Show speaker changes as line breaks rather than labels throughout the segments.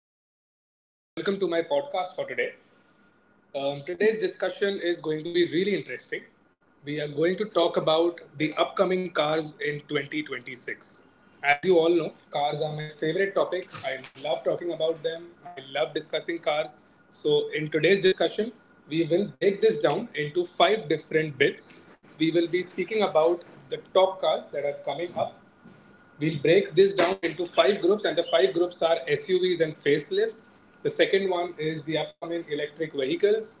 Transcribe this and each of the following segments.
Audience, and welcome to my podcast for today. Today's discussion is going to be really interesting. We are going to talk about the upcoming cars in 2026. As you all know, cars are my favorite topic. I love talking about them, I love discussing cars. So, in today's discussion, we will break this down into five different bits. We will be speaking about the top cars that are coming up. We'll break this down into five groups, and the five groups are SUVs and facelifts. The second one is the upcoming electric vehicles.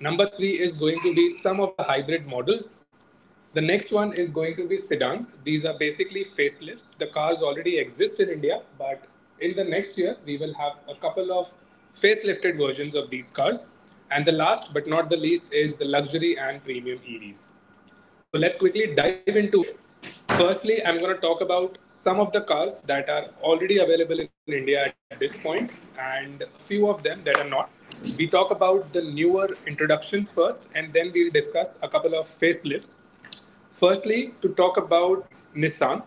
Number three is going to be some of the hybrid models. The next one is going to be sedans. These are basically facelifts. The cars already exist in India, but in the next year, we will have a couple of facelifted versions of these cars. And the last but not the least is the luxury and premium EVs. So let's quickly dive into it. Firstly, I'm going to talk about some of the cars that are already available in India at this point and a few of them that are not. We talk about the newer introductions first and then we'll discuss a couple of facelifts. Firstly, to talk about Nissan.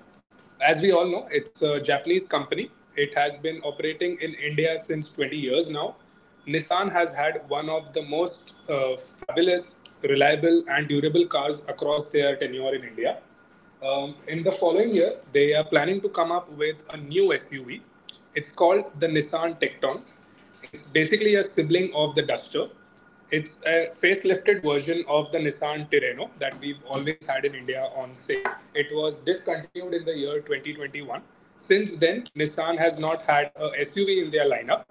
As we all know, it's a Japanese company. It has been operating in India since 20 years now. Nissan has had one of the most fabulous, reliable, and durable cars across their tenure in India. In the following year, they are planning to come up with a new SUV. It's called the Nissan Tecton. It's basically a sibling of the Duster. It's a facelifted version of the Nissan Tirreno that we've always had in India on sale. It was discontinued in the year 2021. Since then, Nissan has not had a SUV in their lineup.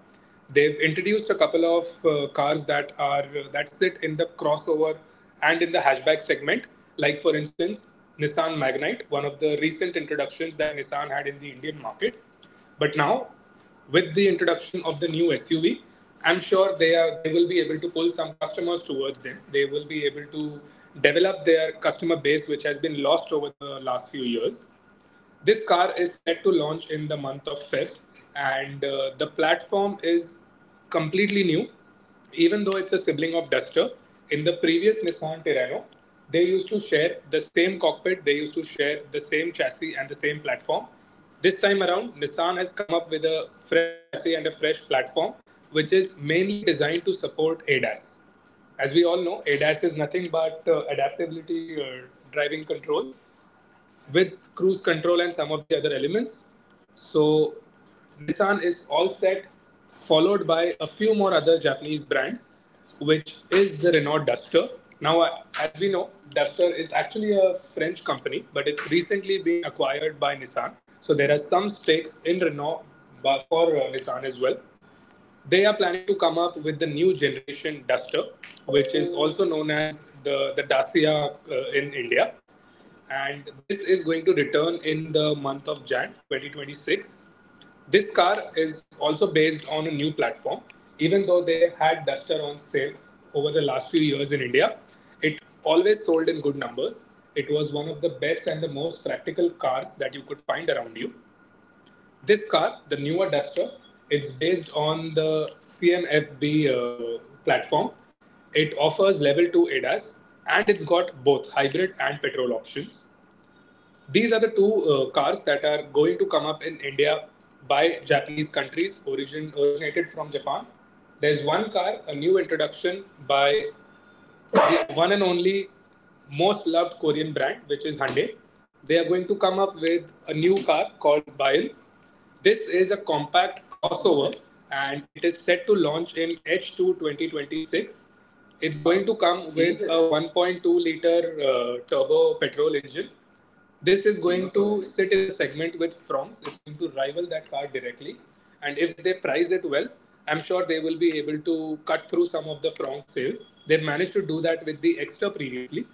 They've introduced a couple of cars that are that sit in the crossover and in the hatchback segment, like for instance Nissan Magnite, one of the recent introductions that Nissan had in the Indian market. But now with the introduction of the new SUV, I'm sure they will be able to pull some customers towards them. They will be able to develop their customer base, which has been lost over the last few years. This car is set to launch in the month of Feb, and the platform is completely new, even though it's a sibling of Duster. In the previous Nissan Terrano, they used to share the same cockpit, they used to share the same chassis and the same platform. This time around, Nissan has come up with a fresh chassis and a fresh platform, which is mainly designed to support ADAS. As we all know, ADAS is nothing but adaptability or driving controls with cruise control and some of the other elements. So Nissan is all set, followed by a few more other Japanese brands, which is the Renault Duster. Now, as we know, Duster is actually a French company, but it's recently been acquired by Nissan. So there are some stakes in Renault for Nissan as well. They are planning to come up with the new generation Duster, which is also known as the Dacia in India. And this is going to return in the month of Jan 2026. This car is also based on a new platform. Even though they had Duster on sale over the last few years in India, it always sold in good numbers. It was one of the best and the most practical cars that you could find around you. This car, the newer Duster, it's based on the CMFB platform. It offers level 2 ADAS and it's got both hybrid and petrol options. These are the two cars that are going to come up in India by Japanese countries origin, originated from Japan. There's one car, a new introduction by the one and only most loved Korean brand, which is Hyundai. They are going to come up with a new car called Bayon. This is a compact crossover and it is set to launch in H2 2026. It's going to come with a 1.2 liter turbo petrol engine. This is going to sit in the segment with Froms. It's going to rival that car directly. And if they price it well, I'm sure they will be able to cut through some of the Froms sales. They've managed to do that with the Extra previously,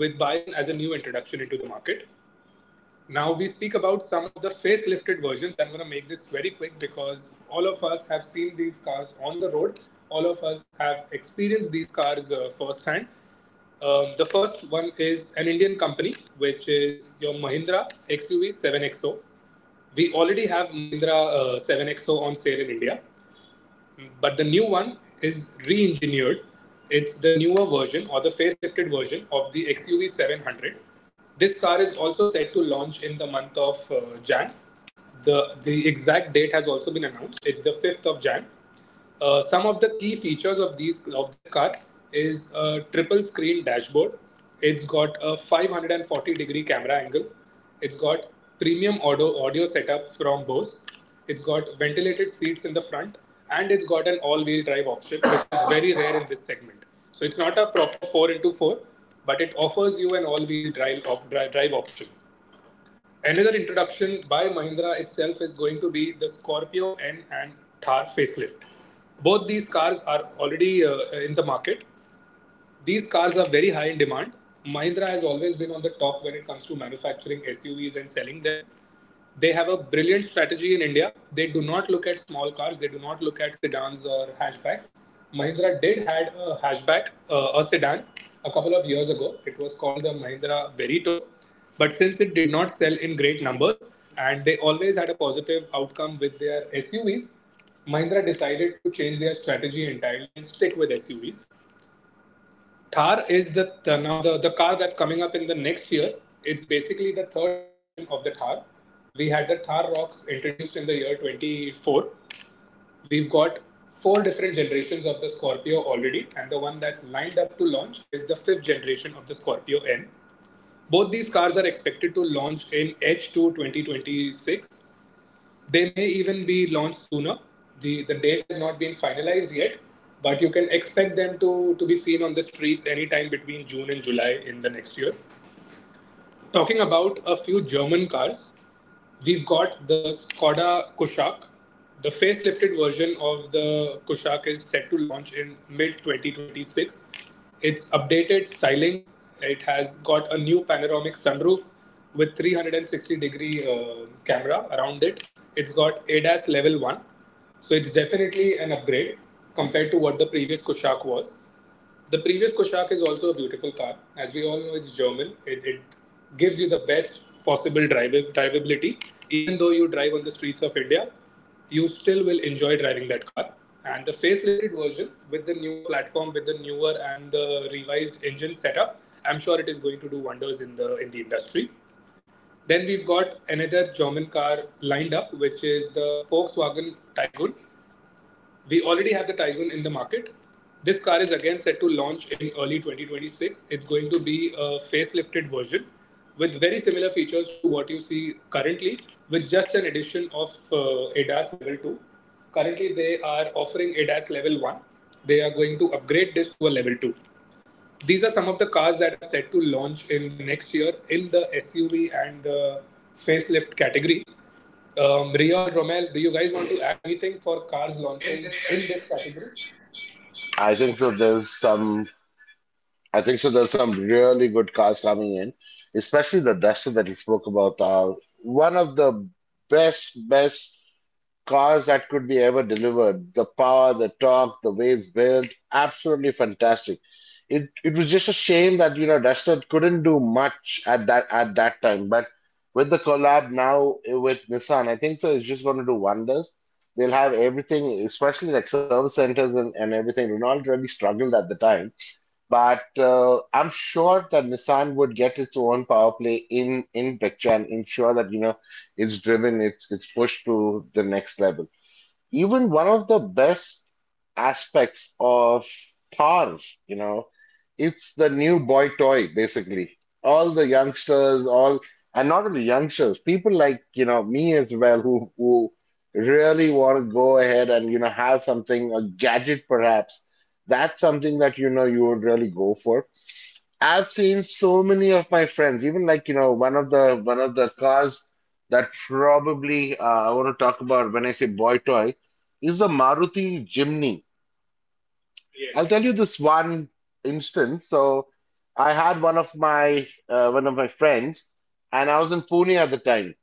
with Bayern as a new introduction into the market. Now we speak about some of the facelifted versions. I'm going to make this very quick because all of us have seen these cars on the road. All of us have experienced these cars firsthand. The first one is an Indian company, which is your Mahindra XUV 7XO. We already have Mahindra 7XO on sale in India, but the new one is re-engineered. It's the newer version or the facelifted version of the XUV 700. This car is also set to launch in the month of Jan. The exact date has also been announced. It's the 5th of Jan. Some of the key features of these of this car is a triple screen dashboard. It's got a 540-degree camera angle. It's got premium audio setup from Bose. It's got ventilated seats in the front and it's got an all wheel drive option, which is very rare in this segment. So it's not a proper 4 into 4, but it offers you an all wheel drive, drive option. Another introduction by Mahindra itself is going to be the Scorpio N and Thar facelift. Both these cars are already in the market, these cars are very high in demand. Mahindra has always been on the top when it comes to manufacturing SUVs and selling them. They have a brilliant strategy in India. They do not look at small cars, they do not look at sedans or hatchbacks. Mahindra did had a hatchback, a sedan, a couple of years ago. It was called the Mahindra Verito. But since it did not sell in great numbers and they always had a positive outcome with their SUVs, Mahindra decided to change their strategy entirely and stick with SUVs. Thar is the now the car that's coming up in the next year. It's basically the third generation of the Thar. We had the Thar Rocks introduced in the year 24. We've got four different generations of the Scorpio already, and the one that's lined up to launch is the fifth generation of the Scorpio N. Both these cars are expected to launch in H2 2026, they may even be launched sooner. The date has not been finalized yet, but you can expect them to be seen on the streets anytime between June and July in the next year. Talking about a few German cars, we've got the Skoda Kushaq. The facelifted version of the Kushaq is set to launch in mid 2026. It's updated styling. It has got a new panoramic sunroof with 360 degree camera around it. It's got ADAS level 1, so it's definitely an upgrade compared to what the previous Kushaq was. The previous Koshak is also a beautiful car. As we all know, it's German. It gives you the best possible drivability. Even though you drive on the streets of India, you still will enjoy driving that car. And the facelifted version with the newer platform, with the newer and the revised engine setup, I'm sure it is going to do wonders in the industry. Then we've got another German car lined up, which is the Volkswagen Tiguan. We already have the Tiguan in the market. This car is again set to launch in early 2026. It's going to be a facelifted version with very similar features to what you see currently, with just an addition of ADAS Level 2. Currently, they are offering ADAS Level 1. They are going to upgrade this to a Level 2. These are some of the cars that are set to launch in the next year in the SUV and the facelift category. Ria or Romel, do you guys want to add anything for cars launching in this category?
Some really good cars coming in, especially the Duster that you spoke about. One of the best cars that could be ever delivered. The power, the torque, the way it's built, absolutely fantastic. It was just a shame that you know Duster couldn't do much at that time, but with the collab now with Nissan, I think so. It's just going to do wonders. They'll have everything, especially like service centers and everything. Renault really struggled at the time but I'm sure that Nissan would get its own power play in picture and ensure that you know it's driven, it's pushed to the next level, even one of the best aspects of Thor, you know, it's the new boy toy, basically. All the youngsters, all, and not only youngsters, people like, you know, me as well, who really want to go ahead and, you know, have something, a gadget perhaps. That's something that, you know, you would really go for. I've seen so many of my friends, even like, you know, one of the cars that probably I want to talk about when I say boy toy is a Maruti Jimny. I'll tell you this one instance. So I had one of my friends, and I was in Pune at the time.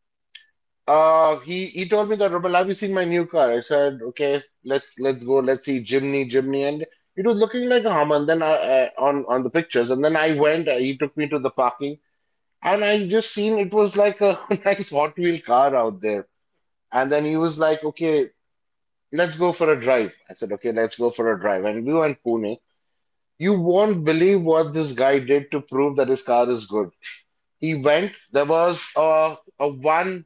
He told me that, Robert, have you seen my new car? I said, okay, let's go, let's see Jimny, Jimny, and it was looking like a Hummer. And then I, on the pictures, and then I went. He took me to the parking. And I just seen it was like a nice Hot Wheel car out there. And then he was like, okay, let's go for a drive. I said, okay, let's go for a drive. And we went Pune. You won't believe what this guy did to prove that his car is good. He went, there was a, a one,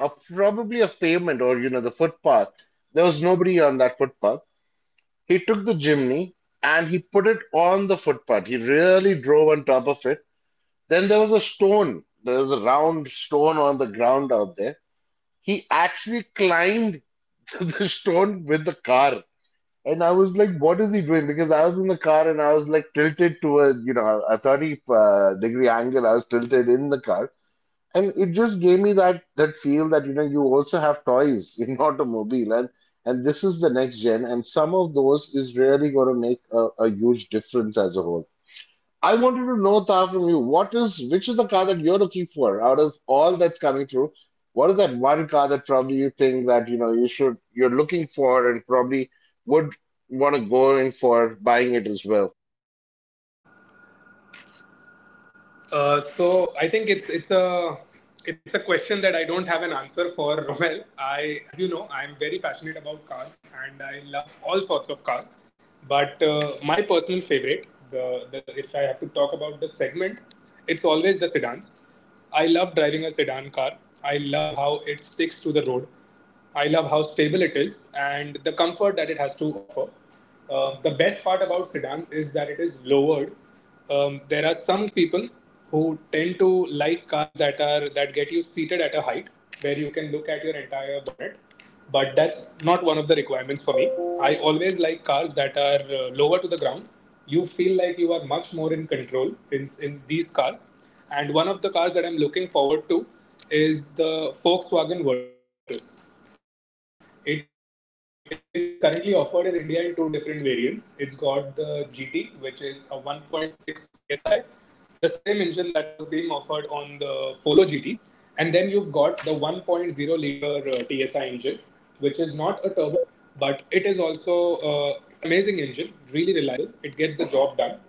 a, probably a pavement or, you know, the footpath. There was nobody on that footpath. He took the chimney and he put it on the footpath. He really drove on top of it. Then there was a stone. There was a round stone on the ground out there. He actually climbed the stone with the car. And I was like, what is he doing? Because I was in the car and I was like tilted to a, you know, a 30 degree angle. I was tilted in the car. And it just gave me that feel that, you know, you also have toys in automobile and this is the next gen. And some of those is really going to make a huge difference as a whole. I wanted to know, Tha, from you, what is which is the car that you're looking for out of all that's coming through? What is that one car that probably you think that you know you should you're looking for and probably would want to go in for buying it as well?
So I think it's a question that I don't have an answer for, Romel. I, as you know, I'm very passionate about cars and I love all sorts of cars. But my personal favorite, the if I have to talk about the segment, it's always the sedans. I love driving a sedan car. I love how it sticks to the road. I love how stable it is and the comfort that it has to offer. The best part about sedans is that it is lowered. There are some people who tend to like cars that get you seated at a height where you can look at your entire bonnet, but that's not one of the requirements for me. I always like cars that are lower to the ground. You feel like you are much more in control in these cars, and one of the cars that I'm looking forward to is the Volkswagen Virtus. It is currently offered in India in two different variants. It's got the GT, which is a 1.6 TSI, the same engine that was being offered on the Polo GT. And then you've got the 1.0 liter TSI engine, which is not a turbo, but it is also an amazing engine, really reliable. It gets the job done. So I'm looking forward to what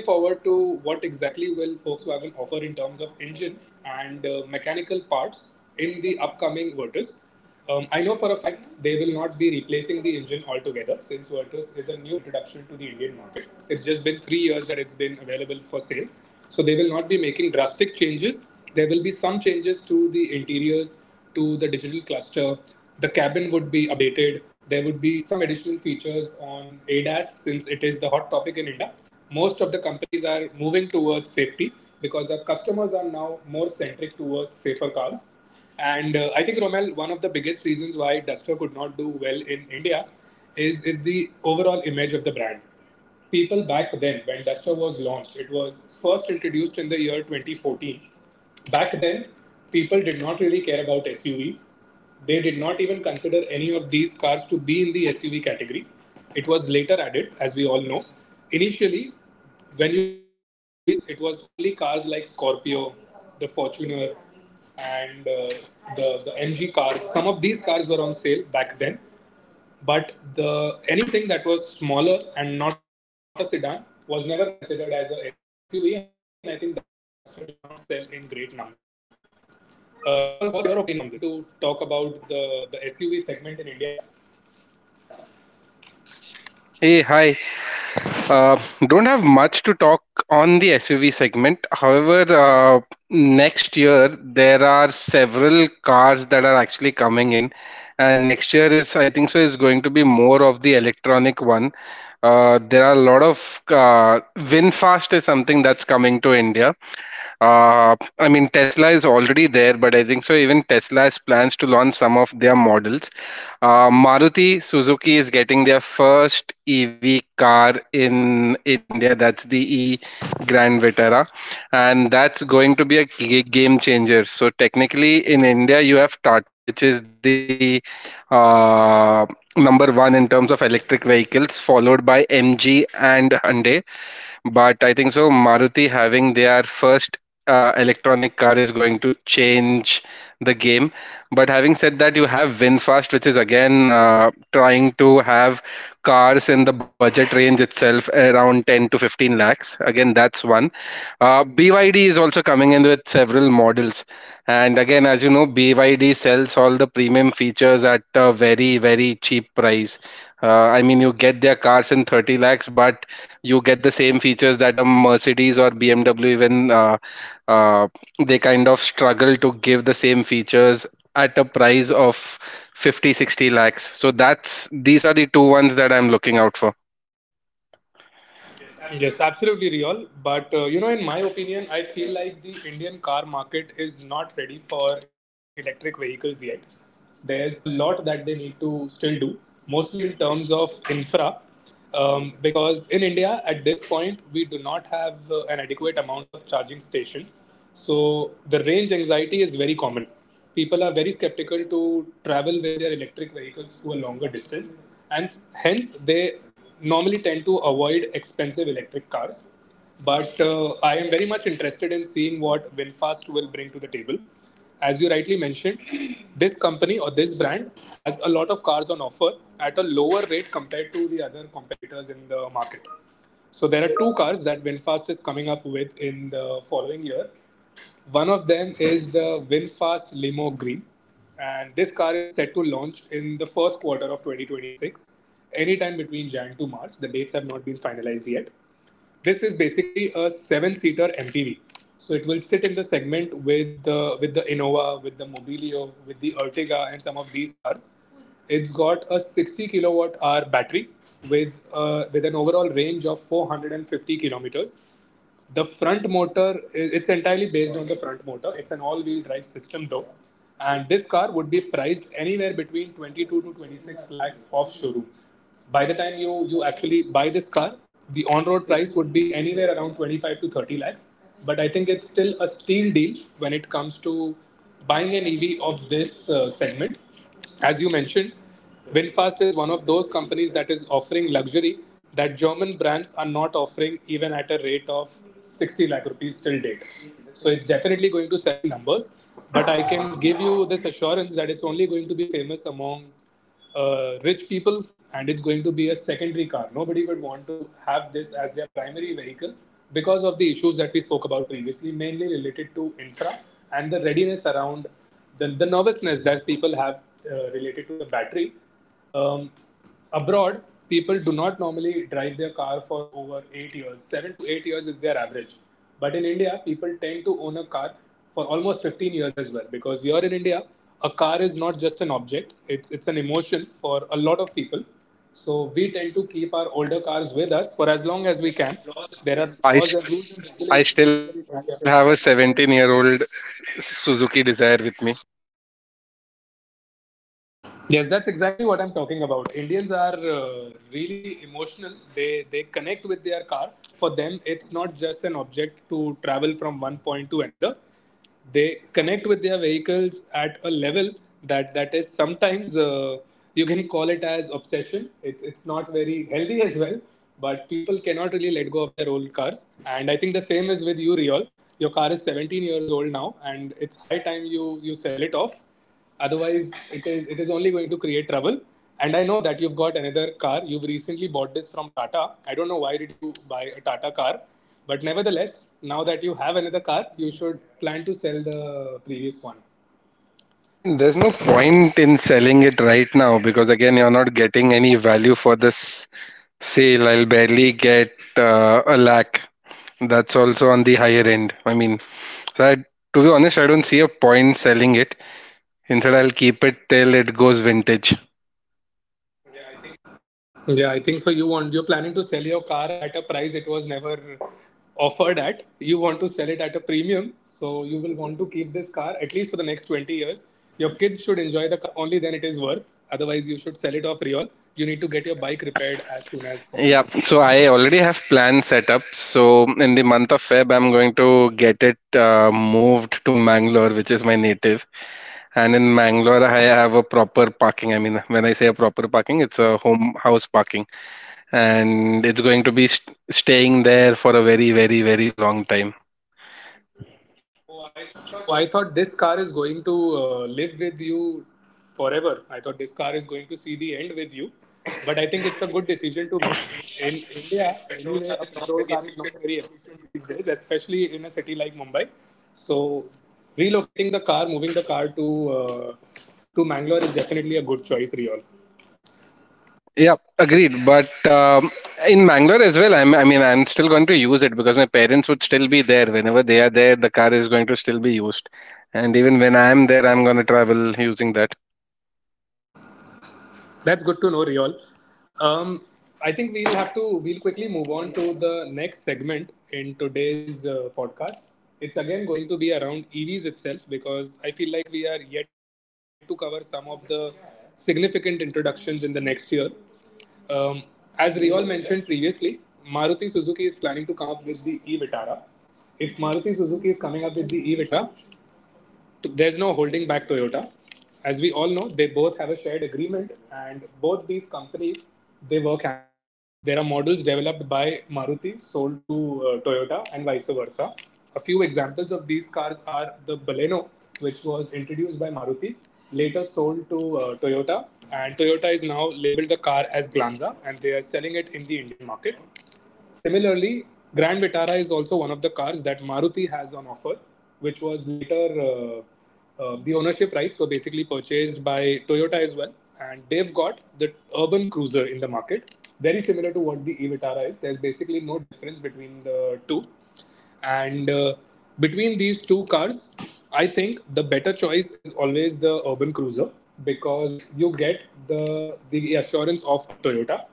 exactly will Volkswagen offer in terms of engine and mechanical parts in the upcoming Virtus. I know for a fact they will not be replacing the engine altogether since Virtus is a new introduction to the Indian market. It's just been 3 years that it's been available for sale. So they will not be making drastic changes. There will be some changes to the interiors, to the digital cluster. The cabin would be updated. There would be some additional features on ADAS since it is the hot topic in India. Most of the are moving towards safety because our customers are now more centric towards safer cars. And I think, Romel, one of the biggest reasons why Duster could not do well in India is the overall image of the brand. People back then, when Duster was launched, it was first introduced in the year 2014. Back then, people did not really care about SUVs. They did not even consider any of these cars to be in the SUV category. It was later added, as we all know. Initially, when you talk about SUVs, it was only cars like Scorpio, the Fortuner, and the MG cars. Some of these cars were on sale back then, but the anything that was smaller and not a sedan was never considered as a SUV, and I think that's why Duster did not sell in great numbers. Riol, what's your opinion on this? Do you have anything to talk about the SUV segment in India?
Hey, hi. Don't have much to talk on the SUV segment. However, next year there are several cars that are actually coming in, and next year is I think so is going to be more of the electronic one. There are a lot of WinFast is something that's coming to India I mean, Tesla is already there, but I think so. Even Tesla has plans to launch some of their models. Maruti Suzuki is getting their first EV car in India. That's the E Grand Vitara, and that's going to be a game changer. So technically, in India, you have Tata, which is the uh, number one in terms of electric vehicles, followed by MG and Hyundai. But I think so. Maruti having their first electronic car is going to change the game. But having said that, you have VinFast, which is again trying to have cars in the budget range itself, around 10 to 15 lakhs. Again, that's one. BYD is also coming in with several models. And again, as you know, BYD sells all the premium features at a very, very cheap price. I mean, you get their cars in 30 lakhs, but you get same features that a Mercedes or BMW, even uh, they kind of struggle to give the same features at a price of 50, 60 lakhs. So that's these are the two ones that I'm looking out for.
Yes, absolutely, Riyal. But you know, in my opinion, I feel like the Indian car market is not ready for electric vehicles yet. There's a lot that they need to still do, mostly in terms of infra, because in India at this point we do not have an adequate amount of charging stations. So the range anxiety is very common. People are very skeptical to travel with their electric vehicles to a longer distance, and hence they normally tend to avoid expensive electric cars. But I am very much interested in seeing what WinFast will bring to the table. As you rightly mentioned, this company or this brand has a lot of cars on offer at a lower rate compared to the other competitors in the market. So there are two cars that Winfast is coming up with in the following year. One of them is the Winfast Limo Green, and this car is set to launch in the first quarter of 2026, anytime between January to March. The dates have not been finalized yet. This is basically a seven-seater MPV, so it will sit in the segment with the Innova, with the Mobilio, with the Ertiga, and some of these cars. It's got a 60 kilowatt hour battery with an overall range of 450 kilometers. The front motor, it's entirely based on the front motor. It's an all wheel drive system though. And this car would be priced anywhere between 22 to 26 lakhs off showroom. By the time you actually buy this car, the on road price would be anywhere around 25 to 30 lakhs. But I think it's still a steal deal when it comes to buying an EV of this segment. As you mentioned, VinFast is one of those companies that is offering luxury that German brands are not offering even at a rate of 60 lakh rupees till date. So it's definitely going to sell in numbers, but I can give you this assurance that it's only going to be famous amongst rich people and it's going to be a secondary car. Nobody would want to have this as their primary vehicle because of the issues that we spoke about previously, mainly related to infra and the readiness around the nervousness that people have related to the battery. um, Abroad, people do not normally drive their car for over 8 years. 7 to 8 years is their average. But in India, people tend to own a car for almost 15 years as well. Because here in India, a car is not just an object, it's an emotion for a lot of people. So we tend to keep our older cars with us for as long as we can. There are laws and rules and
I
regulations.
st- I still have a
Yeah.
17-year-old Suzuki Desire with me.
Yes, that's exactly what I'm talking about. Indians are really emotional. They connect with their car. For them, it's not just an object to travel from one point to another. They connect with their vehicles at a level that is sometimes you can call it as obsession. It's not very healthy as well. But people cannot really let go of their old cars, and I think the same is with you, Riol. Your car is 17 years old now, and it's high time you sell it off, otherwise it is only going to create trouble, and I know that you've got another car. You've recently bought this from Tata. I don't know why did you buy a Tata car, but nevertheless, now that you have another car you should plan to sell the previous one.
I mean, there's no point in selling it right now because again, you're not getting any value for this sale, I'll barely get a lakh. That's also on the higher end. I mean, so I, to be honest, I don't see a point selling it. Instead, I'll keep it till it goes vintage.
Yeah, I think so. You're planning to sell your car at a price it was never offered at. You want to sell it at a premium, so you will want to keep this car at least for the next 20 years. Your kids should enjoy the car, only then it is worth. Otherwise, you should sell it off, real. You need to get your bike repaired as soon as
Yeah,
possible.
so I already have plans set up. So in the month of Feb, I'm going to get it moved to Mangalore, which is my native. And in Mangalore, I have a proper parking. I mean, when I say a proper parking, it's a home house parking, and it's going to be staying there for a very, very, very long time.
Oh, I thought this car is going to live with you forever. I thought this car is going to see the end with you. But I think it's a good decision to make. In India, anyway, a petrol car is not very efficient these days, especially in a city like Mumbai. So, relocating the car, moving the car uh, to Mangalore is definitely a good choice, Riol.
Yeah, agreed. But in Mangalore as well, I mean, I'm still going to use it because my parents would still be there. Whenever they are there, the car is going to still be used. And even when I'm there, I'm going to travel using that.
That's good to know, Riyal. Um, I think we'll quickly move on to the next segment in today's podcast. It's again going to be around EVs itself because I feel like we are yet to cover some of the significant introductions in the next year. Um, as Riyal mentioned previously, Maruti Suzuki is planning to come up with the e-Vitara. Maruti Suzuki is coming up with the e-Vitara, there's no holding back Toyota. As we all know, they both have a shared agreement, and both these companies they work hand. There are models developed by Maruti sold to Toyota, and vice versa. A few examples of these cars are the Baleno, which was introduced by Maruti, later sold to Toyota, and Toyota is now labeled the car as Glanza, and they are selling it in the Indian market. Similarly, Grand Vitara is also one of the cars that Maruti has on offer, which was later the ownership rights were basically purchased by Toyota as well, and they've got the urban cruiser in the market, very similar to what the e Vitara is. There's basically no difference between the two. And between these two cars, I think the better choice is always the urban cruiser because you get the assurance of a Toyota.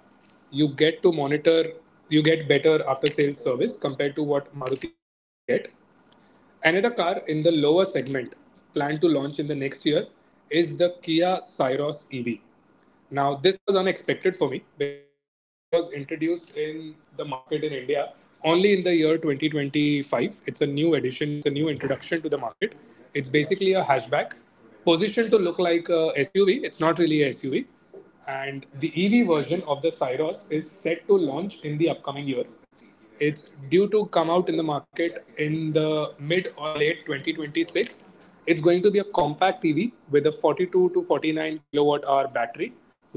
You get to monitor, you get better after sales service compared to what Maruti owners would get. Another car in the lower segment planned to launch in the next year is the Kia Syros EV. Now, this was unexpected for me because Syros was introduced in the market in India only in the year 2025. It's a new addition, it's a new introduction to the market. It's basically a hatchback positioned to look like a SUV. It's not really a SUV. And the EV version of the Syros is set to launch in the upcoming year. It's due to come out in the market in the mid or late 2026. It's going to be a compact EV with a 42 to 49 kilowatt hour battery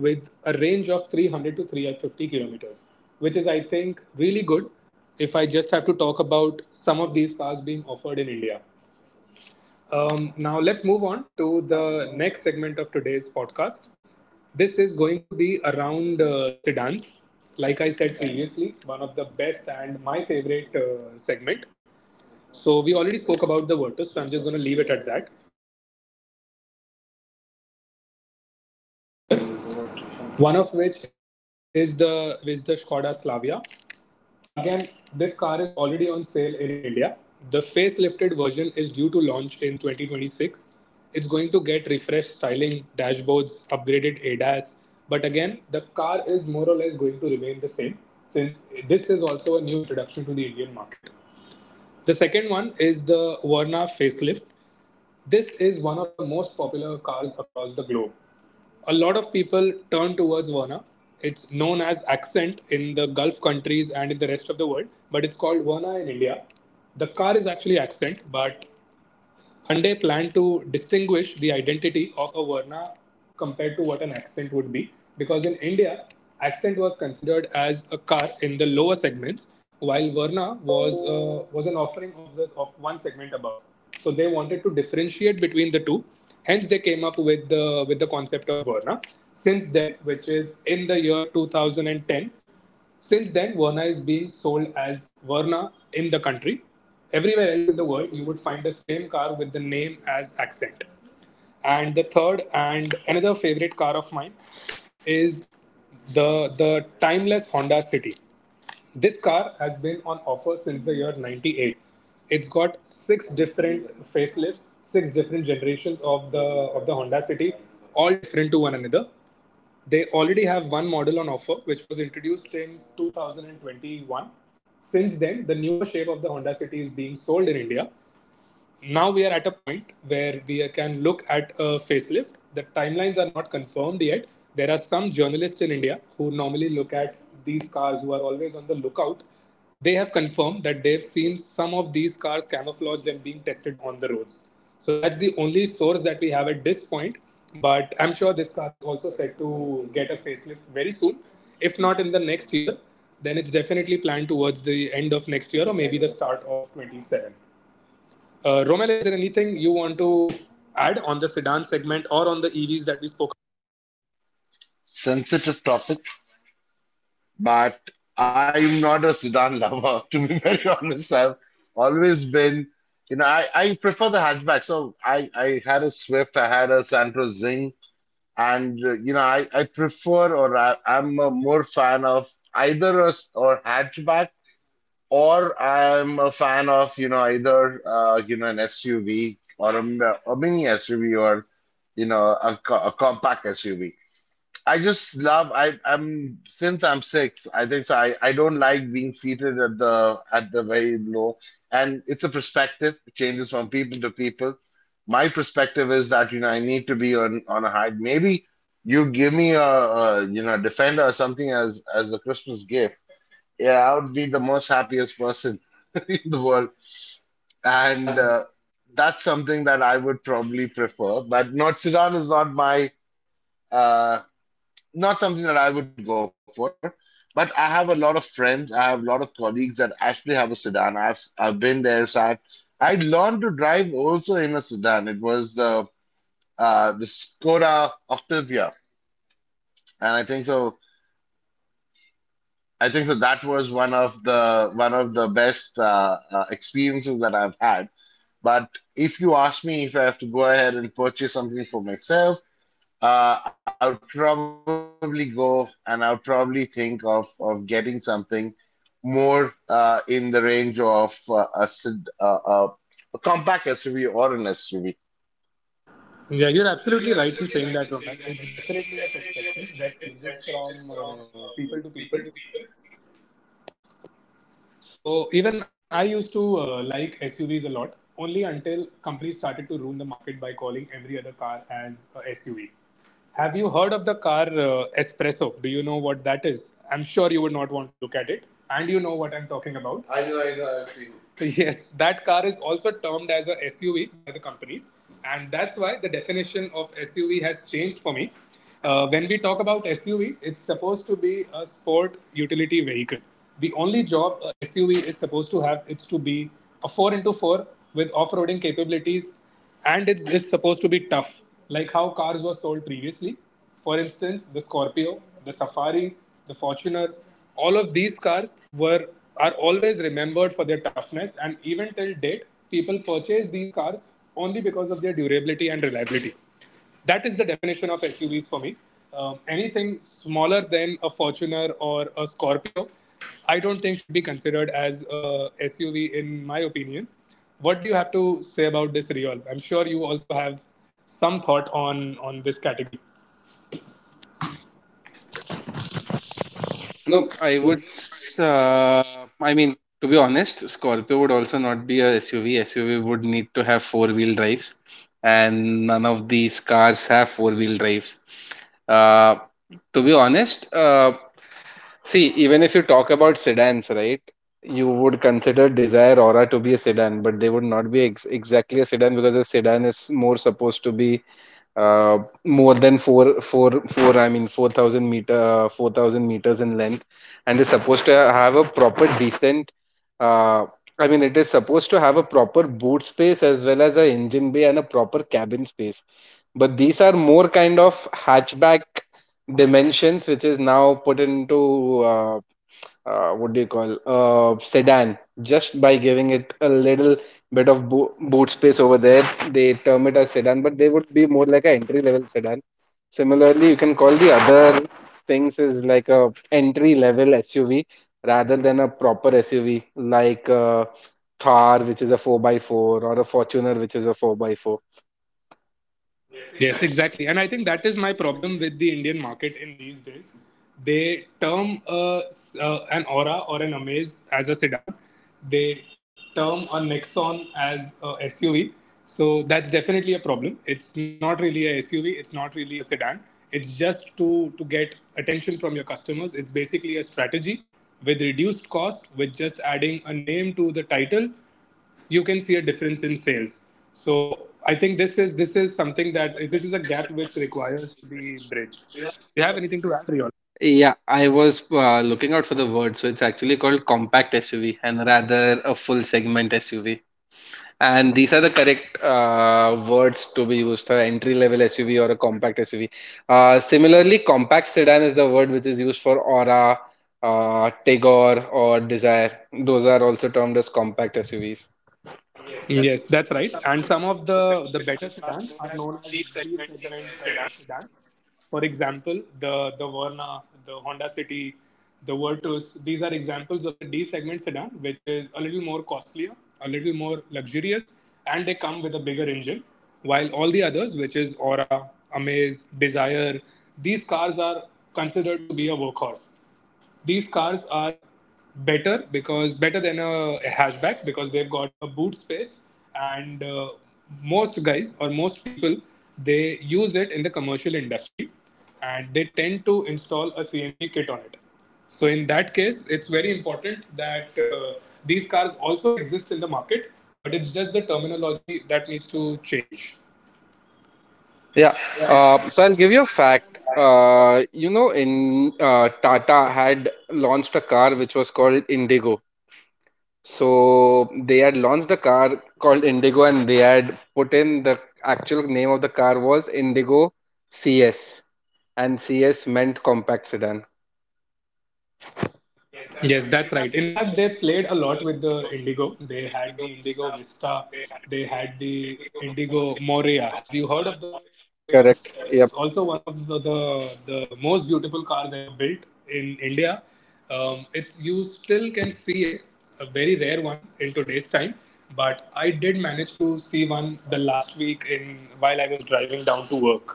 with a range of 300 to 350 kilometers, which is, I think, really good if I just have to talk about some of these cars being offered in India. Now, let's move on to the next segment of today's podcast. This is going to be around sedans. Like I said previously, one of the best and my favorite segment. So, we already spoke about the Virtus, so I'm just going to leave it at that. One of which is the Skoda Slavia. Again, this car is already on sale in India. The facelifted version is due to launch in 2026. It's going to get refreshed styling, dashboards, upgraded ADAS, but again, the car is more or less going to remain the same since this is also a new introduction to the Indian market. The second one is the Verna facelift. This is one of the most popular cars across the globe. A lot of people turn towards Verna. It's known as Accent in the Gulf countries and in the rest of the world, but it's called Verna in India. The car is actually Accent, but planned to distinguish the identity of a Verna compared to what an accent would be, because in India, accent was considered as a car in the lower segments, while Verna was an offering of this of one segment above. So they wanted to differentiate between the two. Hence, they came up with the concept of Verna. Since then, which is in the year 2010, since then, Verna is being sold as Verna in the country. Everywhere else in the world, you would find the same car with the name as accent. And the third and another favorite car of mine is the timeless Honda City. This car has been on offer since the year 98. It's got six different facelifts, six different generations of the Honda City, all different to one another. They already have one model on offer, which was introduced in 2021. Since then, the newer shape of the Honda City is being sold in India. Now we are at a point where we can look at a facelift. The timelines are not confirmed yet. There are some journalists in India who normally look at these cars, who are always on the lookout. They have confirmed that they've seen some of these cars camouflaged and being tested on the roads. So that's the only source that we have at this point. But I'm sure this car is also set to get a facelift very soon. If not in the next year, then it's definitely planned towards the end of next year or maybe the start of 27. Romel, is there anything you want to add on the sedan segment or on the EVs that we spoke?
Sensitive topic, but I'm not a sedan lover, to be very honest. I've always been, you know, I prefer the hatchback. So I had a Swift, I had a Santa Zing. And you know I prefer or I, I'm a more fan of either a s- or hatchback or I'm a fan of you know either you know an SUV or a, m- a mini SUV or you know a, co- a compact SUV. I just love I I'm since I'm six, I think so I don't like being seated at the very low, and it's a perspective. It changes from people to people. My perspective is that you know I need to be on a high. Maybe you give me a you know defender or something as a Christmas gift. Yeah, I would be the most happiest person in the world. And
Uh,
that's something that I would probably prefer. But not sedan is not my uh not something that I would go for. But I have a lot of friends. I have a lot of colleagues that actually have a sedan. I've been there, sat. I learned to drive also in a sedan. It was the Skoda Octavia, and I think so. That was one of the best experiences that I've had. But if you ask me if I have to go ahead and purchase something for myself, I would probably go and I would probably think of getting something more in the range of uh, uh, a compact SUV or an SUV.
Yeah, you're absolutely right in saying that, Romel. It's definitely a perspective that changes from people to people. So even I used to like SUVs a lot, only until companies started to ruin the market by calling every other car as a SUV. Have you heard of the car Espresso? Do you know what that is? I'm sure you would not want to look at it, and you know what I'm talking about. I know, I've seen it. Yes, that car is also termed as a SUV by the companies, and that's why the definition of SUV has changed for me. When we talk about SUV, it's supposed to be a sport utility vehicle. The only job a SUV is supposed to have is to be a 4 into 4 with off-roading capabilities, and it's supposed to be tough, like how cars were sold previously. For instance, the Scorpio, the Safari, the Fortuner, all of these cars were are always remembered for their toughness, and even till date people purchase these cars only because of their durability and reliability. That is the definition of SUVs for me. Anything smaller than a Fortuner or a Scorpio, I don't think should be considered as a SUV in my opinion. What do you have to say about this, Riol? I'm sure you also have some thought on this category.
No,
No.
I would. I mean, to be honest, Scorpio would also not be a SUV. SUV would need to have four-wheel drives, and none of these cars have four-wheel drives. Uh, to be honest, see, even if you talk about sedans, right, you would consider Desire Aura to be a sedan, but they would not be ex exactly a sedan because a sedan is more supposed to be more than four. I mean, 4,000 meter, 4,000 meters in length, and is supposed to have a proper decent. Uh, I mean, it is supposed to have a proper boot space as well as a engine bay and a proper cabin space. But these are more kind of hatchback dimensions, which is now put into what do you call sedan just by giving it a little bit of bo boot space over there, they term it as sedan, but they would be more like an entry level sedan. Similarly, you can call the other things is like a entry level SUV rather than a proper SUV like Thar, which is a 4x4, or a Fortuner which is a 4x4.
Yes, exactly. And I think that is my problem with the Indian market in these days. They term an Aura or an Amaze as a sedan. They term a Nexon as a SUV. So that's definitely a problem. It's not really a SUV. It's not really a sedan. It's just to get attention from your customers. It's basically a strategy with reduced cost. With just adding a name to the title, you can see a difference in sales. So I think this is something, that this is a gap which requires to be bridged. Do you have anything to add?
Yeah, I was looking out for the word, so it's actually called compact SUV and rather a full segment SUV. And these are the correct words to be used for entry level SUV or a compact SUV. Similarly, compact sedan is the word which is used for Aura, Tagore, or Desire. Those are also termed as compact SUVs.
Yes, that's right. And some of the better sedans are known as B segment sedans. For example, the Verna, the Honda City, the Virtus. These are examples of the D segment sedan, which is a little more costlier, a little more luxurious, and they come with a bigger engine. While all the others, which is Aura, Amaze, Desire, these cars are considered to be a workhorse. These cars are better because better than a hatchback because they've got a boot space, and most guys or most people, they use it in the commercial industry and they tend to install a CNG kit on it. So in that case, it's very important that these cars also exist in the market, but it's just the terminology that needs to change.
Yeah. So I'll give you a fact. You know, in Tata had launched a car which was called Indigo. So they had launched a car called Indigo and they had put in the actual name of the car was Indigo CS, and CS meant compact sedan.
Yes, that's right. In fact, they played a lot with the Indigo. They had the Indigo Vista. They had the Indigo Morea. Have you heard of the car Morea?
Correct.
Correct.
Yep.
It's also one of the most beautiful cars ever built in India. It's, you still can see it. It's a very rare one in today's time. But I did manage to see one the last week in while I was driving down to work.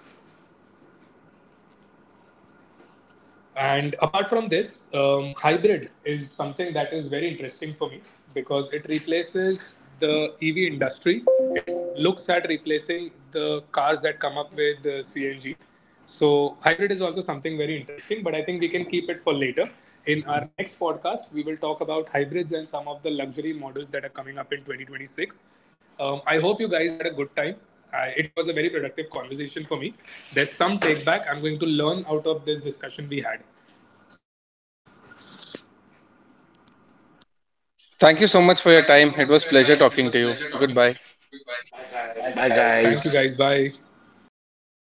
And apart from this, hybrid is something that is very interesting for me because it replaces the EV industry. It looks at replacing the cars that come up with the CNG. So, hybrid is also something very interesting, but I think we can keep it for later. In our next podcast, we will talk about hybrids and some of the luxury models that are coming up in 2026. I hope you guys had a good time. It was a very productive conversation for me. There's some take back I'm going to learn out of this discussion we had.
Thank you so much for your time. It was pleasure talking to you. Goodbye.
Bye,
Bye,
guys. Thank you
guys.
guys. Bye.